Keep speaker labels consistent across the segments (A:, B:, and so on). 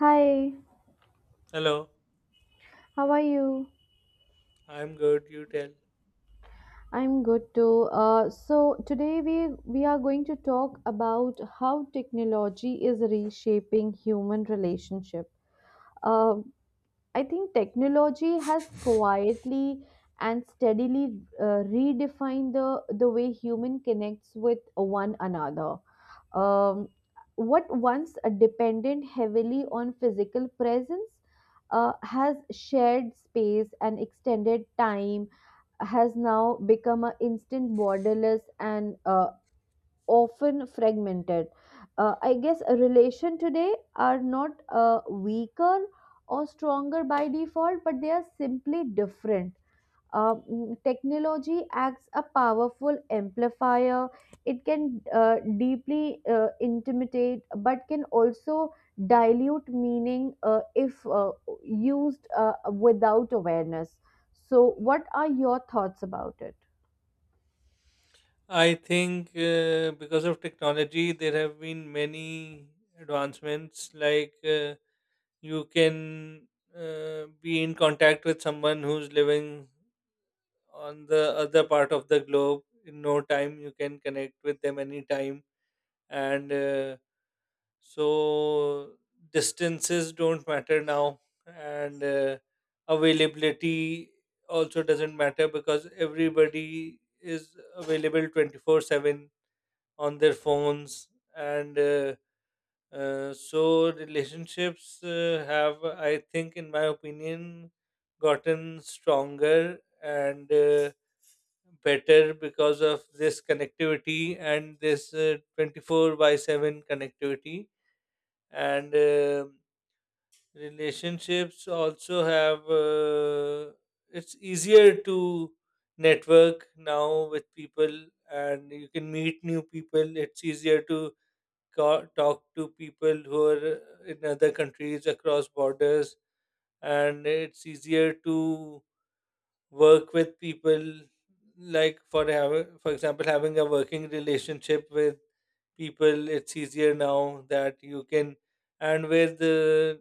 A: Hi,
B: Hello,
A: how are you?
B: I'm good. You tell.
A: I'm good too. So today we are going to talk about how technology is reshaping human relationship. Uh, I think technology has quietly and steadily redefined the way human connects with one another. Um, what once depended heavily on physical presence has shared space and extended time has now become an instant, borderless, and often fragmented. I guess a relation today are not weaker or stronger by default, but they are simply different. Technology acts a powerful amplifier. It can deeply intimidate but can also dilute meaning if used without awareness. So what are your thoughts about it?
B: I think because of technology, there have been many advancements. You can be in contact with someone who's living on the other part of the globe in no time. You can connect with them anytime, and so distances don't matter now and availability also doesn't matter because everybody is available 24/7 on their phones and so relationships have I think in my opinion gotten stronger and better because of this connectivity and this 24/7 connectivity and relationships also have, it's easier to network now with people, and you can meet new people. It's easier to talk to people who are in other countries across borders, and it's easier to work with people, like for example having a working relationship with people. It's easier now that you can, and with the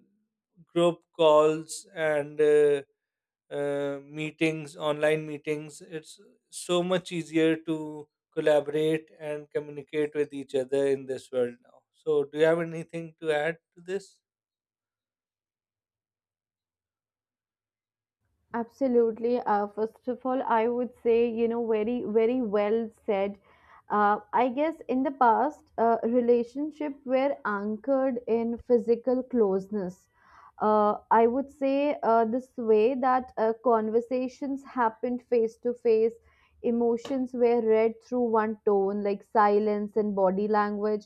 B: group calls and meetings online meetings, it's so much easier to collaborate and communicate with each other in this world now. So do you have anything to add to this?
A: Absolutely. First of all, I would say, very, very well said. I guess in the past, relationship were anchored in physical closeness. I would say this way that conversations happened face to face, emotions were read through one tone, like silence and body language.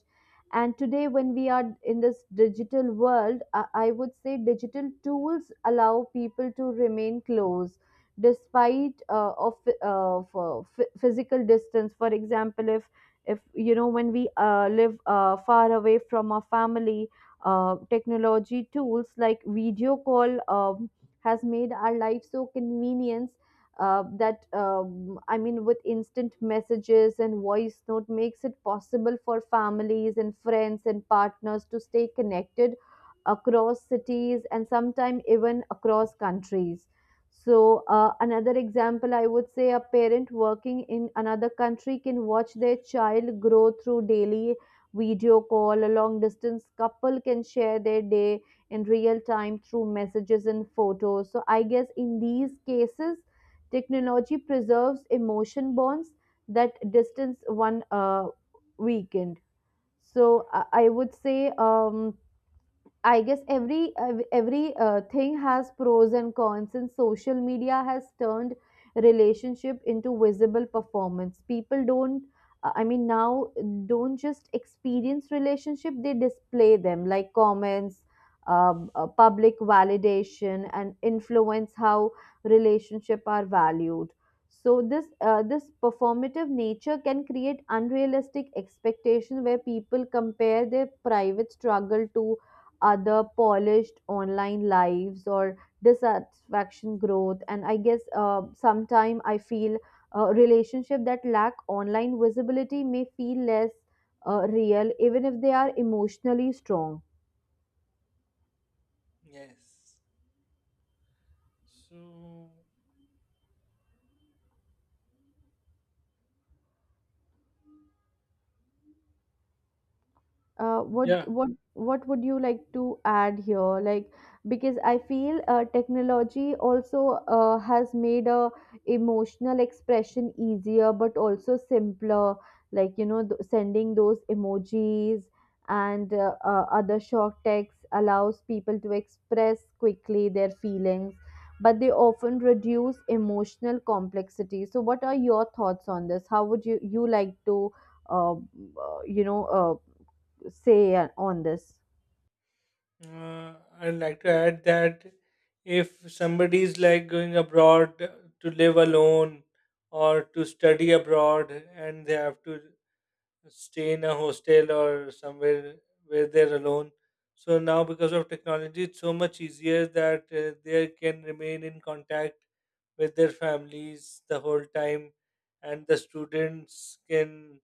A: And today, when we are in this digital world, I would say digital tools allow people to remain close despite of for physical distance. For example, if when we live far away from our family, technology tools like video call has made our life so convenient that, I mean, with instant messages and voice note makes it possible for families and friends and partners to stay connected across cities and sometimes even across countries. So another example, I would say, a parent working in another country can watch their child grow through daily video call. A long distance couple can share their day in real time through messages and photos. So I guess in these cases technology preserves emotion bonds that distance one weakened. So I would say, I guess every every thing has pros and cons, and social media has turned relationship into visible performance. People don't, I mean, now don't just experience relationship; they display them like comments, public validation, and influence how relationship are valued. So this performative nature can create unrealistic expectation where people compare their private struggle to other polished online lives or dissatisfaction growth. And I guess sometime I feel a relationship that lack online visibility may feel less real even if they are emotionally strong.
B: Yes. So,
A: uh, what
B: yeah,
A: what what would you like to add here, like, because I feel technology also has made a emotional expression easier but also simpler, like, sending those emojis and other short texts allows people to express quickly their feelings, but they often reduce emotional complexity. So what are your thoughts on this? How would you like to uh, uh, you know uh, say on this?
B: I'd like to add that if somebody is like going abroad to live alone or to study abroad and they have to stay in a hostel or somewhere where they're alone. So now, because of technology, it's so much easier that they can remain in contact with their families the whole time, and the students can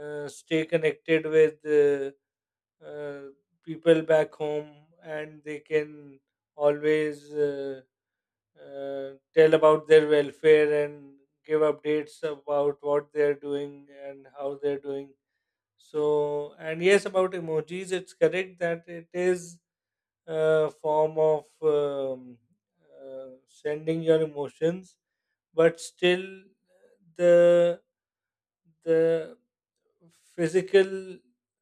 B: stay connected with. Uh, People back home, and they can always tell about their welfare and give updates about what they're doing and how they're doing. So, and yes, about emojis, it's correct that it is a form of sending your emotions, but still the the physical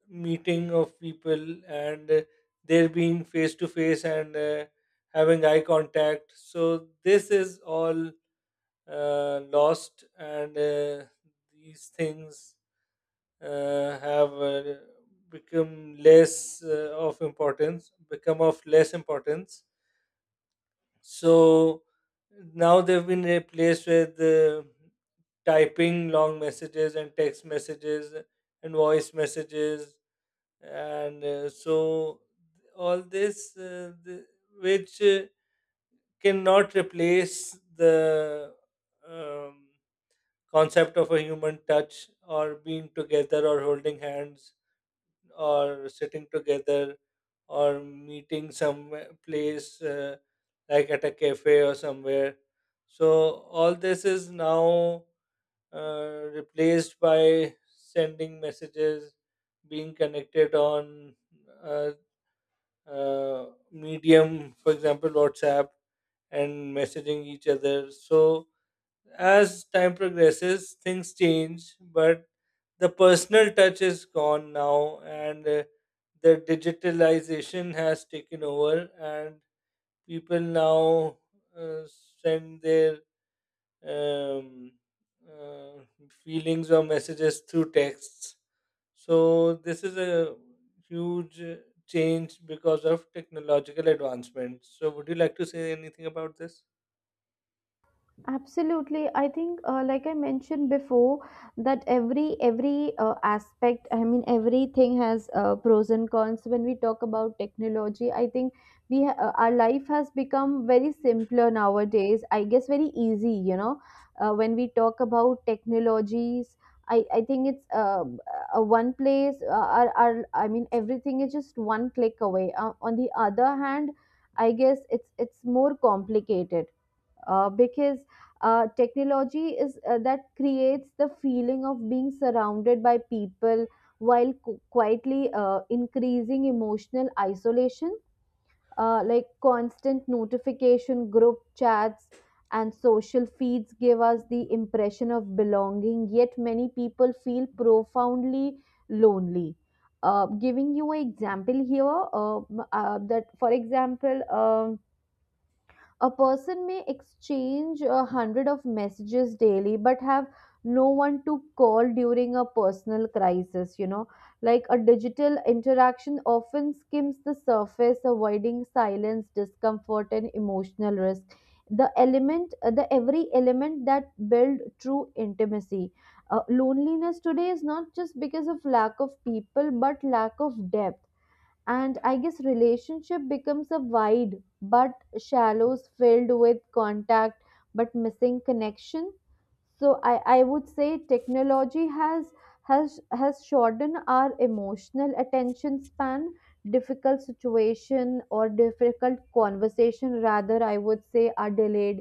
B: meeting of people, and they're being face to face and having eye contact, so this is all lost. And these things have become less of importance, become of less importance. So now they've been replaced with typing long messages and text messages and voice messages, and so all this which cannot replace the um, concept of a human touch, or being together, or holding hands, or sitting together, or meeting some place like at a cafe or somewhere. So all this is now replaced by sending messages, being connected on uh, medium, for example WhatsApp, and messaging each other. So as time progresses things change, but the personal touch is gone now, and the digitalization has taken over, and people now uh, send their um, uh, feelings or messages through texts. So this is a huge change because of technological advancements. So would you like to say anything about this?
A: Absolutely. I think, like I mentioned before, that every aspect, I mean, everything has pros and cons. When we talk about technology, I think our life has become very simpler nowadays. I guess very easy. You know, when we talk about technologies, I think it's one place. Our, I mean, everything is just one click away. On the other hand, I guess it's more complicated because technology is that creates the feeling of being surrounded by people while quietly increasing emotional isolation, like constant notification, group chats, and social feeds give us the impression of belonging, yet many people feel profoundly lonely. Giving you an example here, that, for example, a person may exchange 100 of messages daily, but have no one to call during a personal crisis. You know, like a digital interaction often skims the surface, avoiding silence, discomfort, and emotional risk. The every element that build true intimacy. Loneliness today is not just because of lack of people, but lack of depth. And I guess relationship becomes a wide but shallows filled with contact but missing connection. So I would say technology has shortened our emotional attention span. Difficult situation or difficult conversation, rather, I would say, are delayed,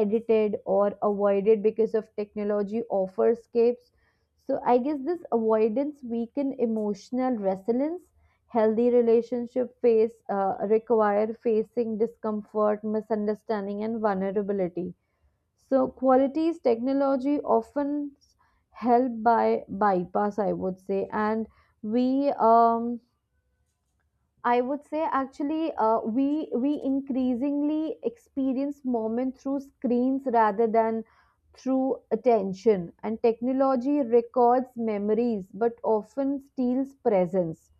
A: edited, or avoided because of technology offer escapes. So I guess this avoidance weaken emotional resilience. Healthy relationship face require facing discomfort, misunderstanding, and vulnerability. So qualities technology often help by bypass, I would say. And we I would say actually we increasingly experience moment through screens rather than through attention. And technology records memories but often steals presence.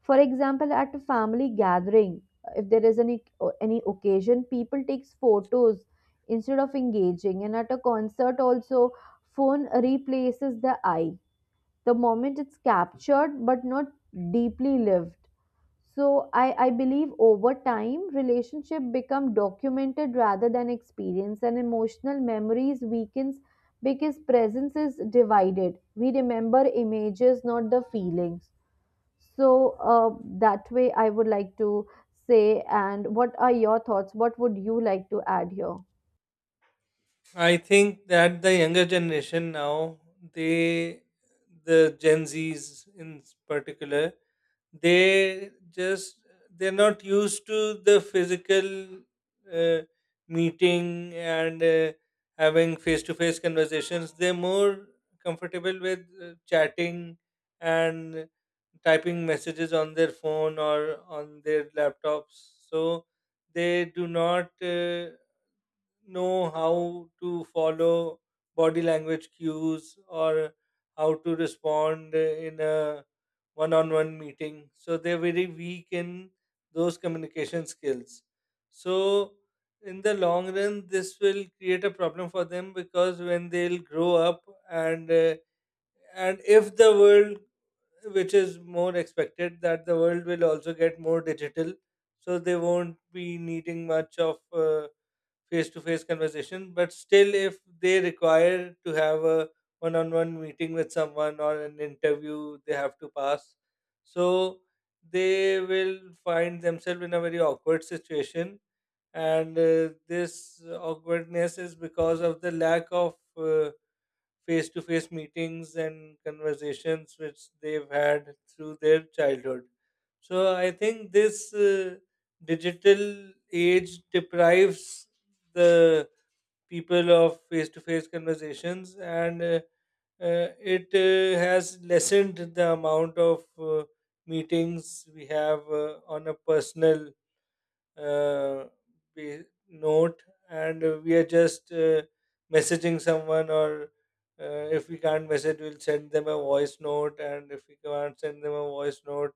A: For example, at a family gathering, if there is any occasion, people takes photos instead of engaging. And at a concert, also, phone replaces the eye. The moment it's captured, but not deeply lived. So I believe over time relationship become documented rather than experience, and emotional memories weakens because presence is divided. We remember images, not the feelings. So, that way, I would like to say, and what are your thoughts? What would you like to add here?
B: I think that the younger generation now, they, the Gen Zs in particular, they just they're not used to the physical uh, meeting, and having face to face conversations. They're more comfortable with chatting and typing messages on their phone or on their laptops, so they do not know how to follow body language cues, or how to respond in a one on one meeting. So they're very weak in those communication skills. So, in the long run, this will create a problem for them, because when they'll grow up and and if the world, which is more expected that the world will also get more digital, so they won't be needing much of face to face conversation. But still, if they require to have a one on one meeting with someone, or an interview they have to pass, so they will find themselves in a very awkward situation. And this awkwardness is because of the lack of face to face meetings and conversations which they've had through their childhood. So I think this digital age deprives the people of face to face conversations, and it has lessened the amount of meetings we have on a personal uh, note. And we are just messaging someone, or if we can't message we'll send them a voice note, and if we can't send them a voice note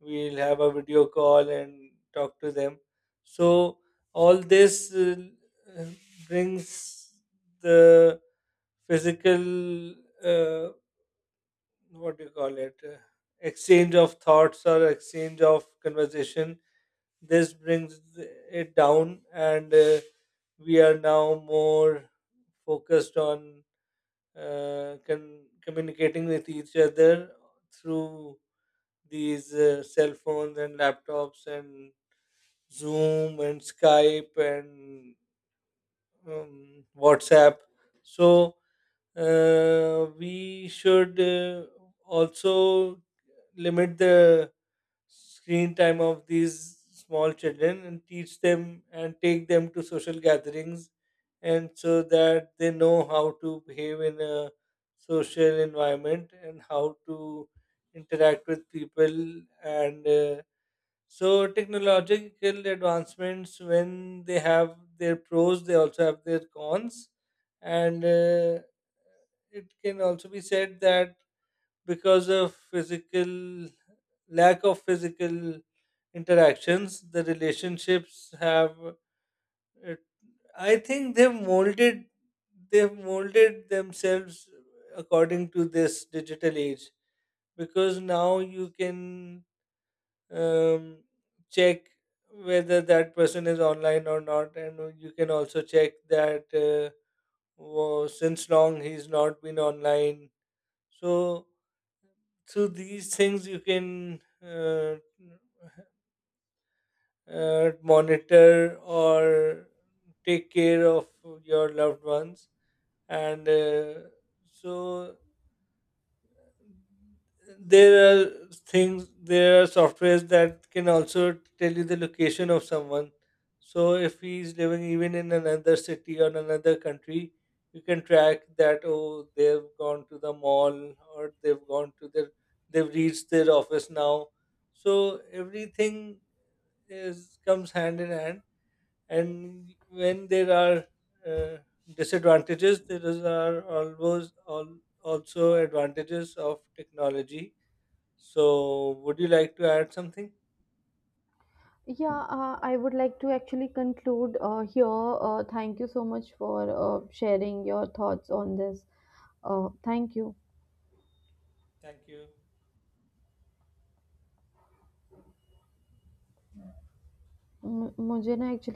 B: we'll have a video call and talk to them. So all this uh, brings the physical uh, what do you call it, exchange of thoughts or exchange of conversation, this brings it down. And we are now more focused on con- communicating with each other through these cell phones and laptops and Zoom and Skype and WhatsApp. So we should also limit the screen time of these small children, and teach them and take them to social gatherings, and so that they know how to behave in a social environment and how to interact with people. And so technological advancements, when they have their pros, they also have their cons. And it can also be said that because of physical lack of physical interactions, the relationships have. It, I think they've molded themselves according to this digital age, because now you can um, check whether that person is online or not, and you can also check that since long he's not been online. So through these things you can monitor or take care of your loved ones. And so there are things, there are softwares that can also tell you the location of someone, so if he's living even in another city or another country, you can track that, oh they've gone to the mall, or they've gone to their they've reached their office now. So everything is comes hand in hand, and when there are uh, disadvantages there is are always all, also advantages of technology. So would you like to add something?
A: Yeah, I would like to actually conclude here. Thank you so much for sharing your thoughts on this. Thank you.
B: Thank you.
A: मुझे ना actually